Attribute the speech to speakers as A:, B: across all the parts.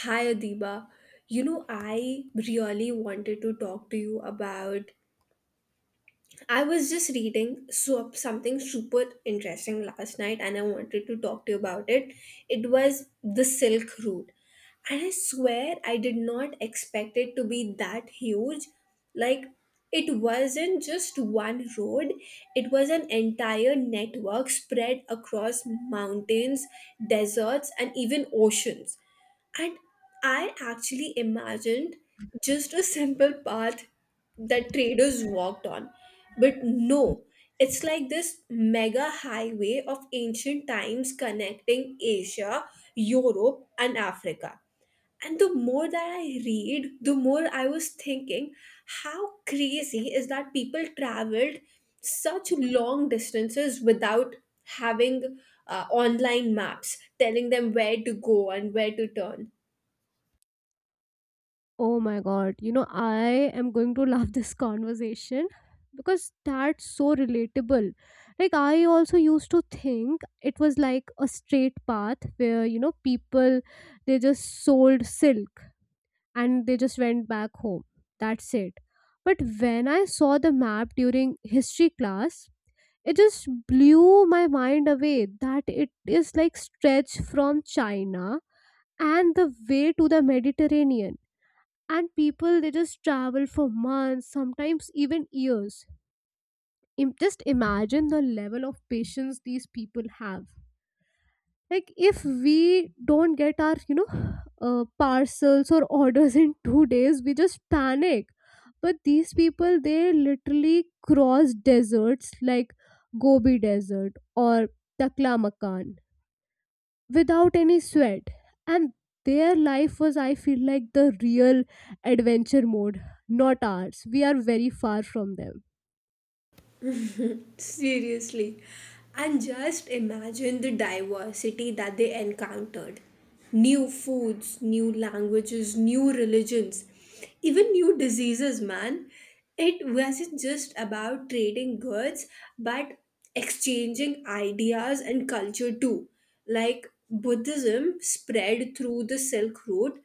A: Hi Adiba. I really wanted to talk to you about. I was just reading so, something super interesting last night and I wanted to talk to you about it. It was the Silk Route. And I swear I did not expect it to be that huge. Like, it wasn't just one road, it was an entire network spread across mountains, deserts, and even oceans, and I actually imagined just a simple path that traders walked on. But no, it's like this mega highway of ancient times connecting Asia, Europe, and Africa. And the more that I read, the more I was thinking, how crazy is that people traveled such long distances without having online maps telling them where to go and where to turn.
B: Oh my god, you know, I am going to love this conversation because that's so relatable. Like, I also used to think it was like a straight path where, you know, people they just sold silk and they just went back home. That's it. But when I saw the map during history class, it just blew my mind away that it is like stretched from China and the way to the Mediterranean, and people they just travel for months, sometimes even years. Just imagine the level of patience these people have. Like if we don't get our parcels or orders in 2 days, we just panic, but these people they literally cross deserts like Gobi Desert or Takla Makan without any sweat. And their life was, I feel like, the real adventure mode, not ours. We are very far from them.
A: Seriously. And just imagine the diversity that they encountered, new foods, new languages, new religions, even new diseases, man. It wasn't just about trading goods, but exchanging ideas and culture too. Like, Buddhism spread through the Silk Road,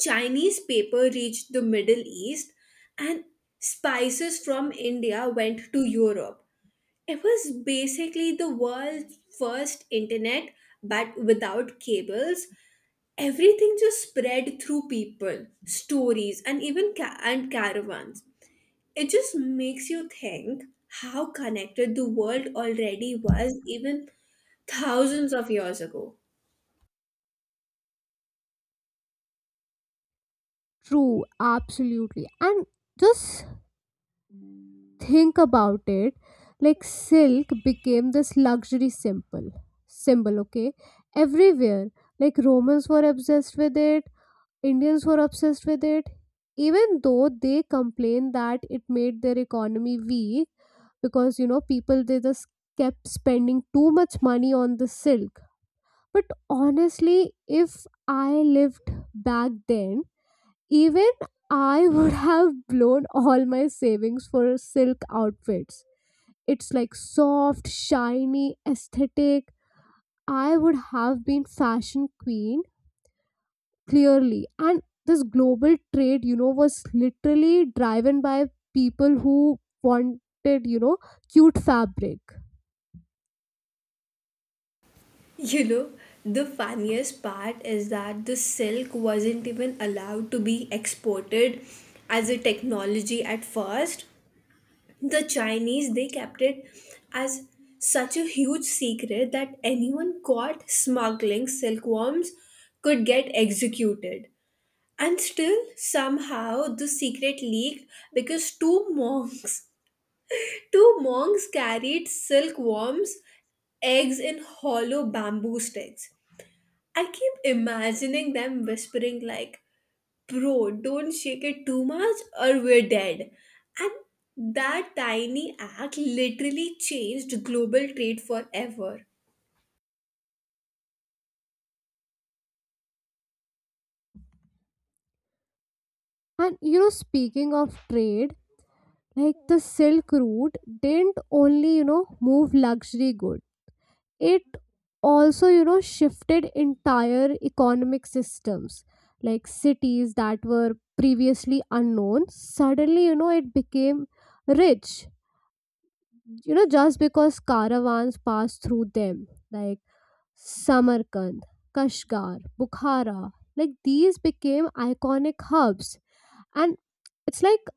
A: Chinese paper reached the Middle East, and spices from India went to Europe. It was basically the world's first internet, but without cables. Everything just spread through people, stories, and even and caravans. It just makes you think how connected the world already was even thousands of years ago.
B: True, absolutely. And just think about it. Like silk became this luxury symbol, okay, everywhere. Like Romans were obsessed with it, Indians were obsessed with it. Even though they complained that it made their economy weak because, you know, people they just kept spending too much money on the silk. But honestly, if I lived back then, even I would have blown all my savings for silk outfits. It's like soft, shiny, aesthetic. I would have been fashion queen, clearly. And this global trade, you know, was literally driven by people who wanted, you know, cute fabric.
A: You know, the funniest part is that the silk wasn't even allowed to be exported as a technology at first. The Chinese, they kept it as such a huge secret that anyone caught smuggling silkworms could get executed, and still somehow the secret leaked because two monks two monks carried silkworms eggs in hollow bamboo sticks. I keep imagining them whispering like, "Bro, don't shake it too much or we're dead." And that tiny act literally changed global trade forever.
B: And you know, speaking of trade, like the Silk Route didn't only, you know, move luxury goods, it also, you know, shifted entire economic systems. Like cities that were previously unknown suddenly, you know, it became rich, you know, just because caravans pass through them. Like Samarkand, Kashgar, Bukhara, like these became iconic hubs. And it's like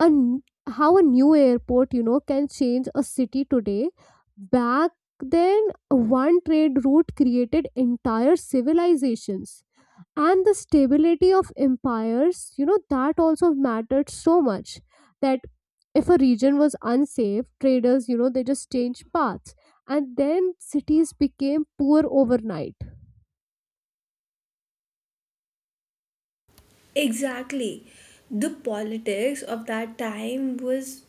B: a n- how a new airport, you know, can change a city today. Back then, one trade route created entire civilizations. And the stability of empires, you know, that also mattered so much that if a region was unsafe, traders, you know, they just changed paths and then cities became poor overnight.
A: Exactly. The politics of that time was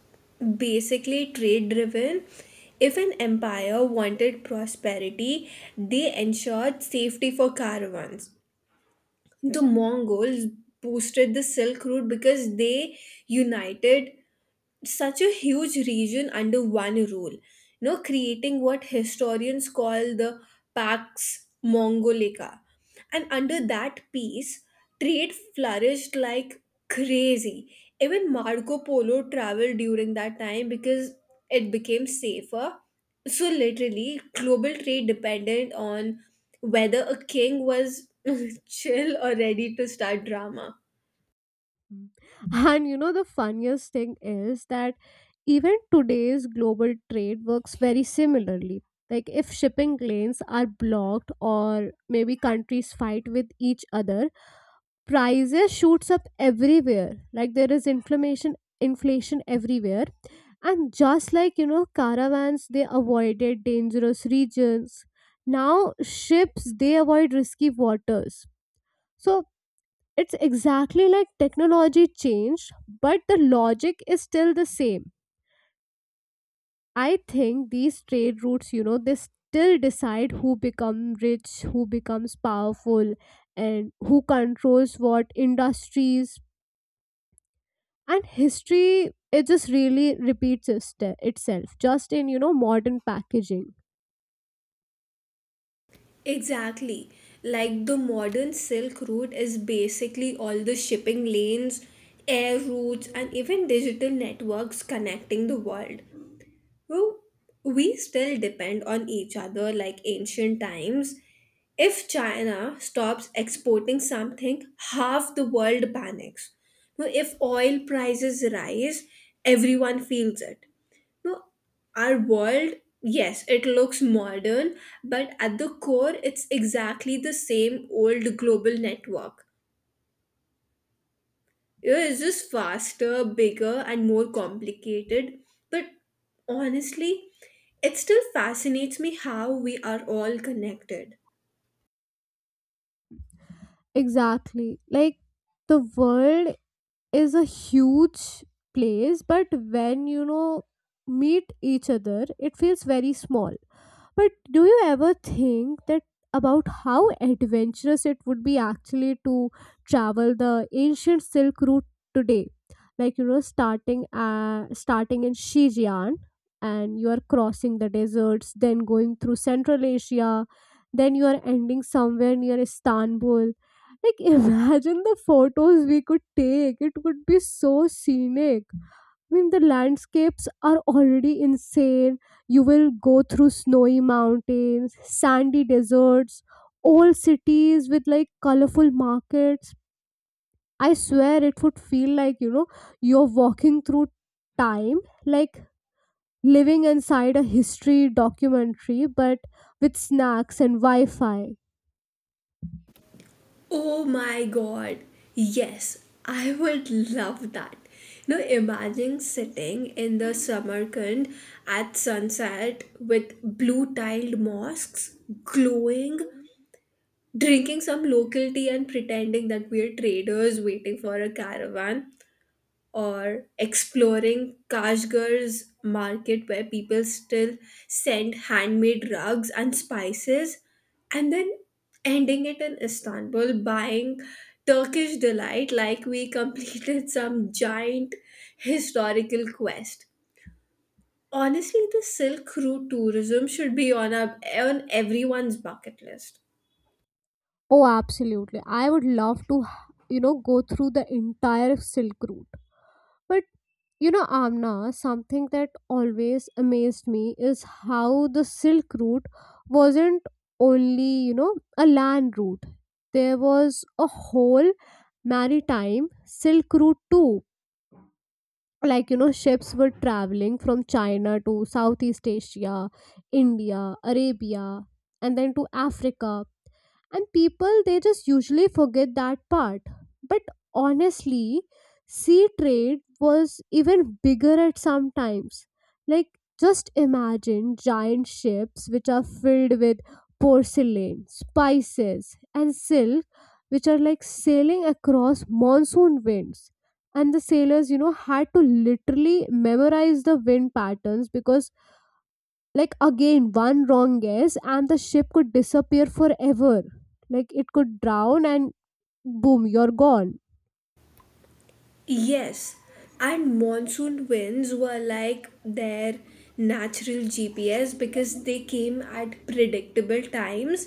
A: basically trade driven. If an empire wanted prosperity, they ensured safety for caravans. The Mongols boosted the Silk Route because they united such a huge region under one rule, creating what historians call the Pax Mongolica. And under that peace, trade flourished like crazy. Even Marco Polo traveled during that time because it became safer. So, literally, global trade depended on whether a king was chill or ready to start drama.
B: Mm. And you know the funniest thing is that even today's global trade works very similarly. Like if shipping lanes are blocked or maybe countries fight with each other, prices shoots up everywhere. Like there is inflammation inflation everywhere. And just like, you know, caravans they avoided dangerous regions, now ships they avoid risky waters. So it's exactly like technology changed, but the logic is still the same. I think these trade routes, you know, they still decide who become rich, who becomes powerful, and who controls what industries. And history, it just really repeats itself, just in, you know, modern packaging.
A: Exactly. Like, the modern Silk Route is basically all the shipping lanes, air routes, and even digital networks connecting the world. Well, we still depend on each other like ancient times. If China stops exporting something, half the world panics. Now, if oil prices rise, everyone feels it. Now, our world, yes, it looks modern, but at the core, it's exactly the same old global network. It's just faster, bigger, and more complicated. But honestly, it still fascinates me how we are all connected.
B: Exactly. Like the world is a huge place, but when, you know, meet each other, it feels very small. But do you ever think that about how adventurous it would be actually to travel the ancient Silk Route today? Like you know, starting in Xinjiang, and you are crossing the deserts, then going through Central Asia, then you are ending somewhere near Istanbul. Like imagine the photos we could take. It would be so scenic. I mean, the landscapes are already insane. You will go through snowy mountains, sandy deserts, old cities with like colorful markets. I swear it would feel like, you know, you're walking through time, like living inside a history documentary, but with snacks and Wi Fi.
A: Oh my god. Yes, I would love that. Now imagine sitting in the Samarkand at sunset with blue tiled mosques glowing, drinking some local tea and pretending that we are traders waiting for a caravan. Or exploring Kashgar's market where people still send handmade rugs and spices, and then ending it in Istanbul buying Turkish delight like we completed some giant historical quest. Honestly, the Silk Route tourism should be on everyone's bucket list.
B: Oh, absolutely. I would love to, you know, go through the entire Silk Route. But you know, Amna, something that always amazed me is how the Silk Route wasn't only, you know, a land route. There was a whole maritime Silk Route too. Like, you know, ships were traveling from China to Southeast Asia, India, Arabia, and then to Africa. And people they just usually forget that part, but honestly, sea trade was even bigger at some times. Like just imagine giant ships which are filled with porcelain, spices, and silk, which are like sailing across monsoon winds. And the sailors, you know, had to literally memorize the wind patterns because like again one wrong guess and the ship could disappear forever. Like it could drown and boom, you're gone.
A: Yes, and monsoon winds were like their natural GPS because they came at predictable times.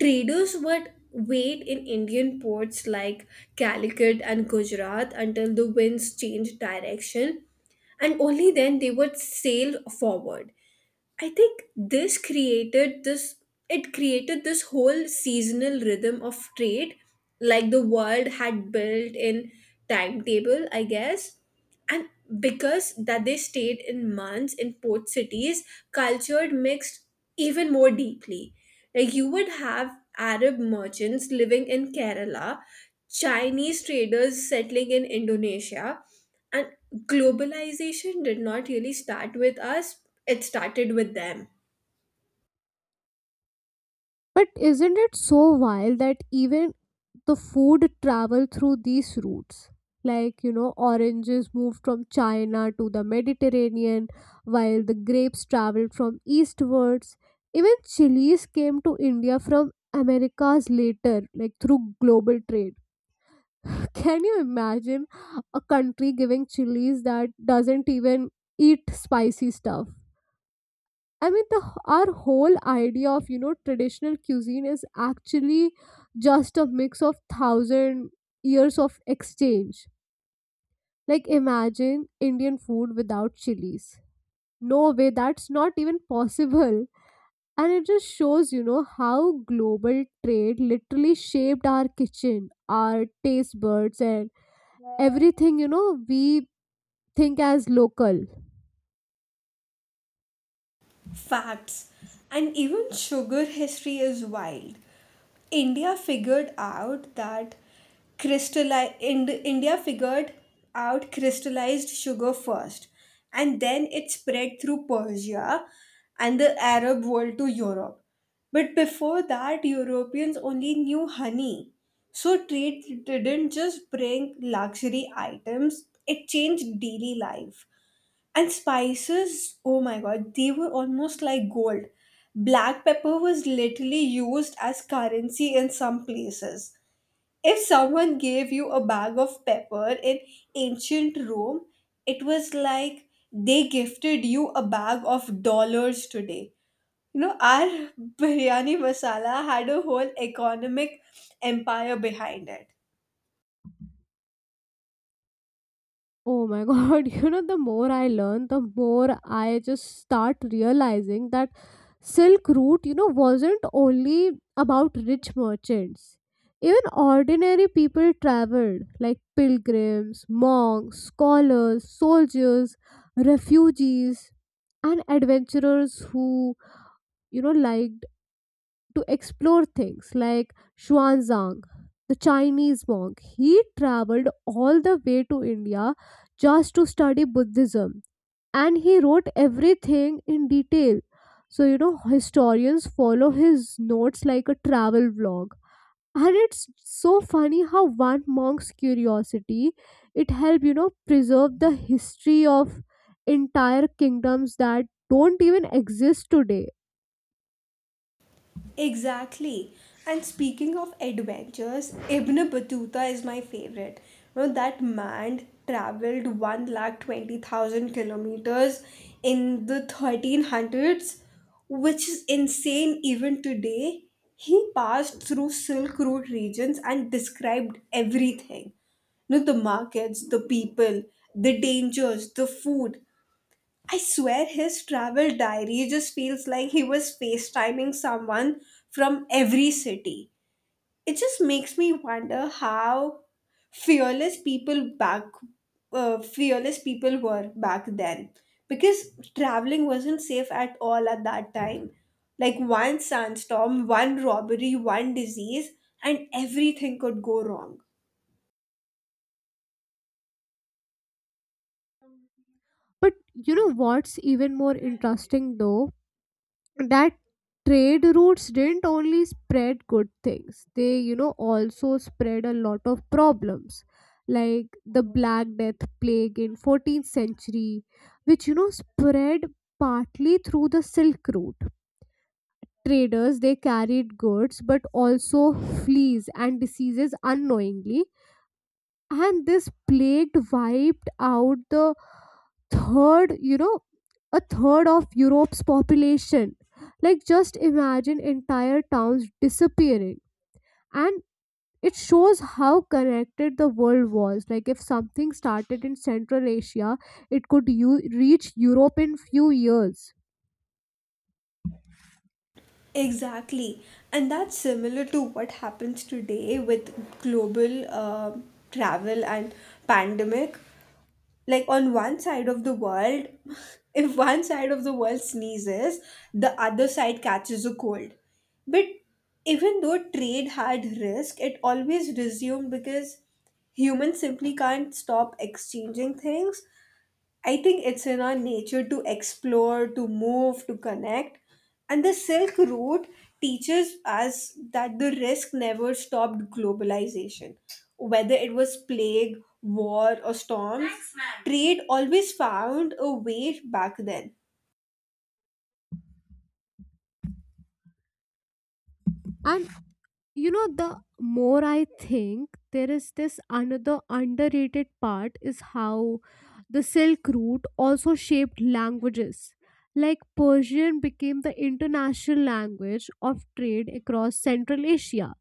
A: Traders would wait in Indian ports like Calicut and Gujarat until the winds changed direction, and only then they would sail forward. I think this created this it created this whole seasonal rhythm of trade, like the world had built in timetable, I guess. And because that they stayed in months in port cities, culture mixed even more deeply. Like, you would have Arab merchants living in Kerala, Chinese traders settling in Indonesia, and globalization did not really start with us; it started with them.
B: But isn't it so wild that even the food travel through these routes? Like you know, oranges moved from China to the Mediterranean, while the grapes traveled from eastwards. Even chilies came to India from Americas later, like through global trade. Can you imagine a country giving chilies that doesn't even eat spicy stuff? I mean, the our whole idea of, you know, traditional cuisine is actually just a mix of thousand years of exchange. Like, imagine Indian food without chilies. No way, that's not even possible. And it just shows, you know, how global trade literally shaped our kitchen, our taste buds, and everything, you know, we think as local.
A: Facts. And even sugar history is wild. India figured out that crystalli- Ind- India figured out crystallized sugar first, and then it spread through Persia and the Arab world to Europe. But before that, Europeans only knew honey. So trade didn't just bring luxury items; it changed daily life. And spices, oh my god, they were almost like gold. Black pepper was literally used as currency in some places. If someone gave you a bag of pepper in ancient Rome, it was like they gifted you a bag of dollars today. Our biryani masala had a whole economic empire behind it.
B: Oh my god, you know, the more I learn, the more I just start realizing that Silk Route, you know, wasn't only about rich merchants. Even ordinary people traveled, like pilgrims, monks, scholars, soldiers, refugees, and adventurers who, you know, liked to explore things like Xuanzang, the Chinese monk. He traveled all the way to India just to study Buddhism and he wrote everything in detail. So, you know, historians follow his notes like a travel vlog. And it's so funny how one monk's curiosity, it helped, you know, preserve the history of entire kingdoms that don't even exist today.
A: Exactly. And speaking of adventures, Ibn Battuta is my favorite. That man traveled 120,000 kilometers in the 1300s, which is insane even today. He passed through Silk Road regions and described everything. The markets, the people, the dangers, the food. I swear his travel diary just feels like he was FaceTiming someone from every city. It just makes me wonder how fearless people back fearless people were back then, because traveling wasn't safe at all at that time. Like, one sandstorm, one robbery, one disease, and everything could go wrong.
B: But you know what's even more interesting though? That trade routes didn't only spread good things, they, you know, also spread a lot of problems. Like the Black Death plague in 14th century, which you know spread partly through the Silk Route. Traders they carried goods but also fleas and diseases unknowingly, and this plague wiped out the third, you know, a third of Europe's population. Like just imagine entire towns disappearing. And it shows how connected the world was. Like if something started in Central Asia, it could reach Europe in few years.
A: Exactly. And that's similar to what happens today with global travel and pandemic. Like, on one side of the world, if one side of the world sneezes, the other side catches a cold. But even though trade had risk, it always resumed because humans simply can't stop exchanging things. I think it's in our nature to explore, to move, to connect. And the Silk Road teaches us that the risk never stopped globalization. Whether it was plague, war, or storms, thanks, ma'am, trade always found a way back then.
B: And you know, the more I think, there is this another underrated part is how the Silk Route also shaped languages. Like Persian became the international language of trade across Central Asia,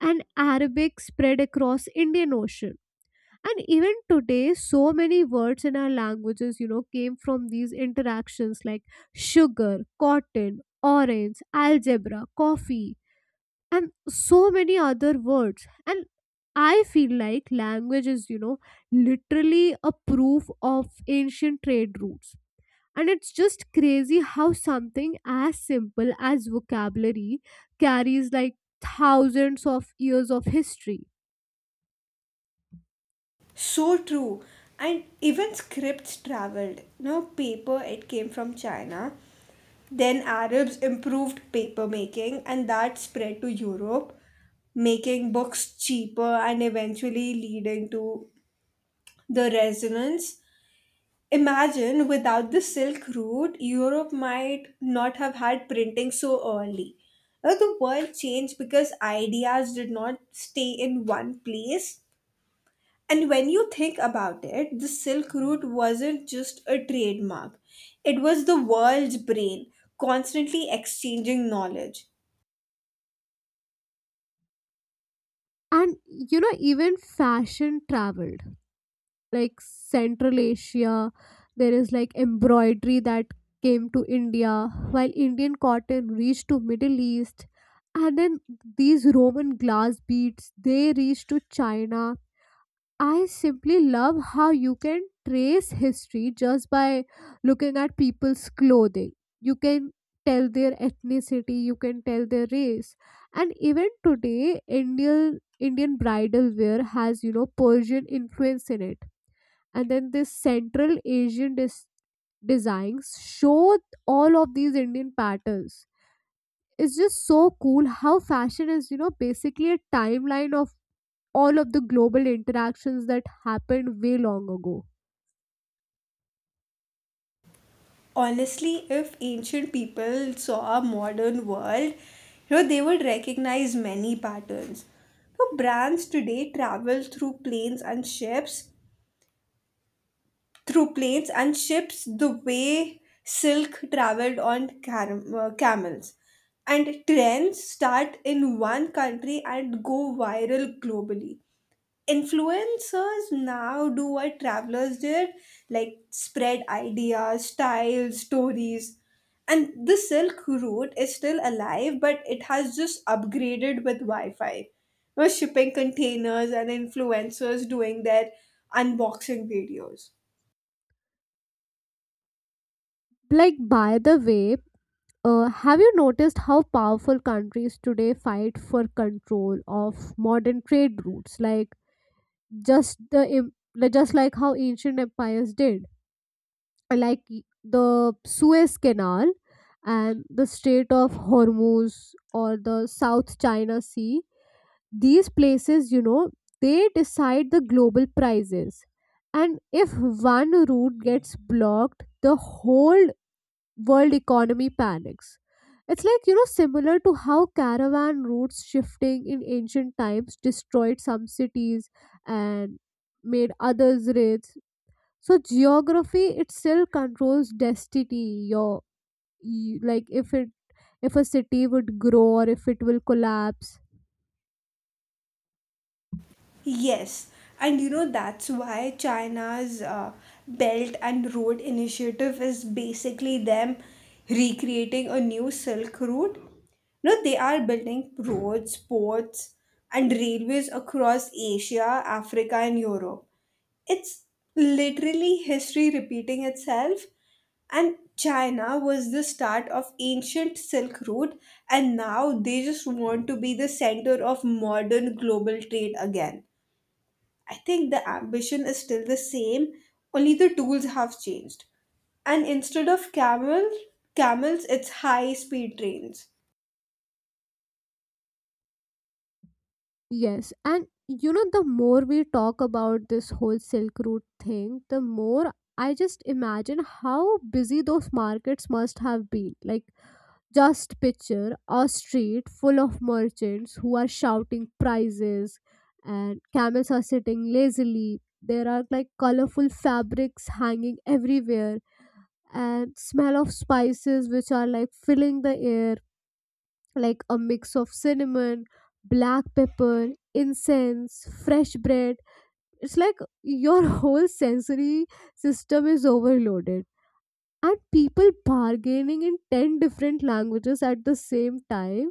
B: and Arabic spread across Indian Ocean. And even today so many words in our languages, you know, came from these interactions, like sugar, cotton, orange, algebra, coffee, and so many other words. And I feel like language is, you know, literally a proof of ancient trade routes. And it's just crazy how something as simple as vocabulary carries like thousands of years of history.
A: So true. And even scripts traveled. No, paper, it came from China. Then Arabs improved paper making, and that spread to Europe, making books cheaper and eventually leading to the resonance. Imagine without the Silk Route, Europe might not have had printing so early. Now, the world changed because ideas did not stay in one place. And when you think about it, the Silk Route wasn't just a trademark, it was the world's brain, constantly exchanging knowledge.
B: And you know, even fashion travel, like Central Asia. There is like embroidery that came to India, while Indian cotton reached to Middle East. And then these Roman glass beads, they reached to China. I simply love how you can trace history just by looking at people's clothing. You can tell their ethnicity, you can tell their race. And even today, Indian Indian bridal wear has, you know, Persian influence in it. And then this central asian designs show all of these Indian patterns. It's just so cool how fashion is, you know, basically a timeline of all of the global interactions that happened way long ago.
A: Honestly, if ancient people saw a modern world, they would recognize many patterns. So brands today travel through planes and ships, the way silk traveled on camels. And trends start in one country and go viral globally. Influencers now do what travelers did, like spread ideas, styles, stories. And the Silk Route is still alive, but it has just upgraded with wi-fi, shipping containers, and influencers doing their unboxing videos.
B: Like by the way, have you noticed how powerful countries today fight for control of modern trade routes, like just the just like how ancient empires did? Like the Suez Canal and the Strait of Hormuz or the South China Sea, these places, you know, they decide the global prices. And if one route gets blocked, the whole world economy panics. It's like, you know, similar to how caravan routes shifting in ancient times destroyed some cities and made others rich. So geography itself controls destiny, your like if it, if a city would grow or if it will collapse.
A: Yes, and that's why China's Belt and Road Initiative is basically them recreating a new Silk Road. No, they are building roads, ports, and railways across Asia, Africa, and Europe. It's literally history repeating itself. And China was the start of ancient Silk Road, and now they just want to be the center of modern global trade again. I think the ambition is still the same, only the tools have changed. And instead of camels, it's high speed trains.
B: Yes, and you know, the more we talk about this whole Silk Route thing, the more I just imagine how busy those markets must have been. Like just picture a street full of merchants who are shouting prices, and camels are sitting lazily, there are like colorful fabrics hanging everywhere, and smell of spices which are like filling the air, like a mix of cinnamon, black pepper, incense, fresh bread. It's like your whole sensory system is overloaded. And people bargaining in 10 different languages at the same time.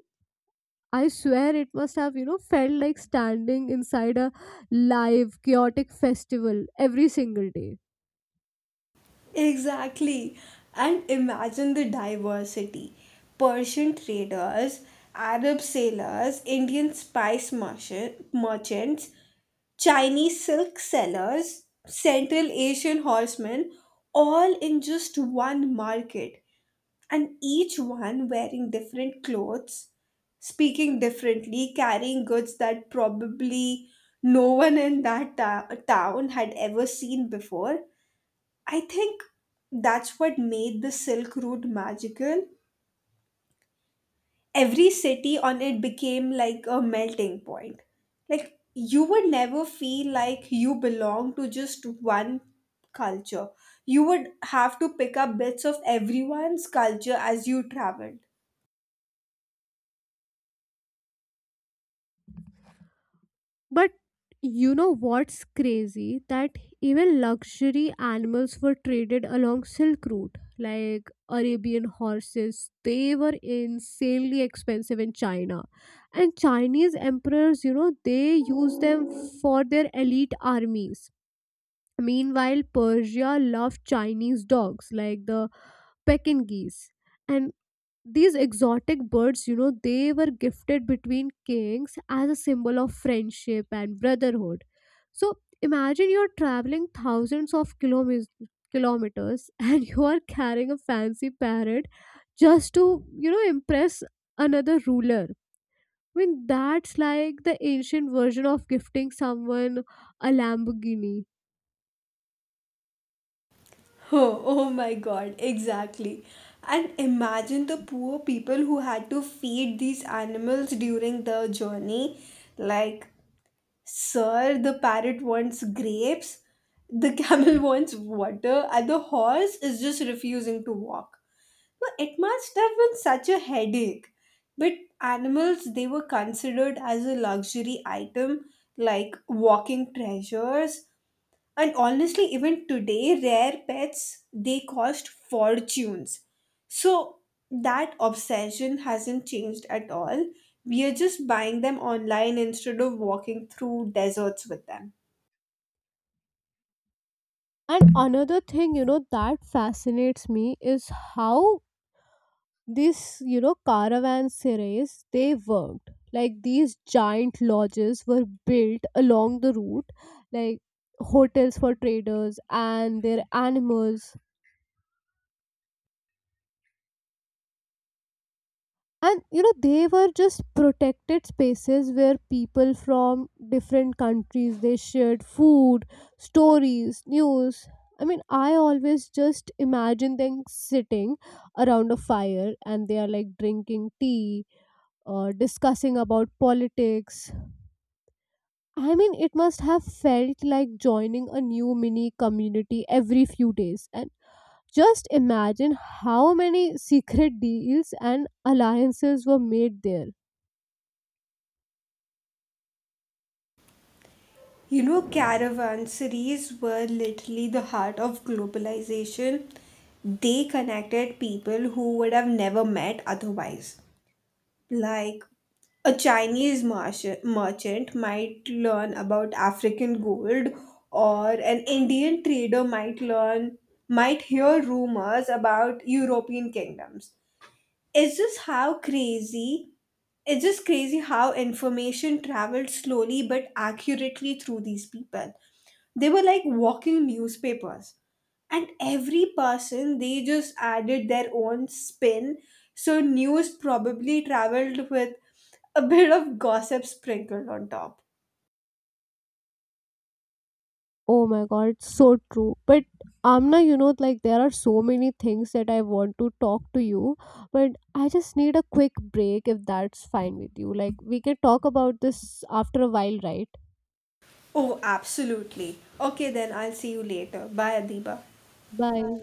B: I swear it must have, you know, felt like standing inside a live chaotic festival every single day.
A: Exactly. And imagine the diversity, Persian traders, Arab sailors, Indian spice merchants, Chinese silk sellers, Central Asian horsemen, all in just one market. And each one wearing different clothes, speaking differently, carrying goods that probably no one in that town had ever seen before. I think that's what made the Silk Route magical. Every city on it became like a melting point. Like, you would never feel like you belong to just one culture. You would have to pick up bits of everyone's culture as you traveled.
B: But you know what's crazy? That even luxury animals were traded along Silk Route, like Arabian horses. They were insanely expensive in China. And Chinese emperors, you know, they used them for their elite armies. Meanwhile, Persia loved Chinese dogs like the Pekingese. And these exotic birds, you know, they were gifted between kings as a symbol of friendship and brotherhood. So imagine you're traveling thousands of kilometers and you are carrying a fancy parrot just to, you know, impress another ruler. I mean that's like the ancient version of gifting someone a Lamborghini.
A: Oh my god, exactly. And imagine the poor people who had to feed these animals during the journey. Like, sir, the parrot wants grapes, the camel wants water, and the horse is just refusing to walk. Well, it must have been such a headache. But animals, they were considered as a luxury item, like walking treasures, and honestly, even today, rare pets, they cost fortunes. So that obsession hasn't changed at all. We are just buying them online instead of walking through deserts with them.
B: And another thing, you know, that fascinates me is how these, you know, caravanserais, they worked. Like these giant lodges were built along the route, like hotels for traders and their animals. And, you know, they were just protected spaces where people from different countries, they shared food, stories, news. I mean, I always just imagine them sitting around a fire and they are like drinking tea or discussing about politics. I mean, it must have felt like joining a new mini community every few days. And just imagine how many secret deals and alliances were made there.
A: Caravanseries were literally the heart of globalization. They connected people who would have never met otherwise. Like, a Chinese merchant might learn about African gold, or an Indian trader might hear rumors about European kingdoms. It's just how crazy. It's just crazy how information traveled slowly but accurately through these people. They were like walking newspapers. And every person, they just added their own spin. So news probably traveled with a bit of gossip sprinkled on top.
B: Oh my god, so true. But Amna, you know, like there are so many things that I want to talk to you, but I just need a quick break if that's fine with you. Like, we can talk about this after a while, right?
A: Oh, absolutely. Okay, then I'll see you later. Bye, Adiba.
B: Bye.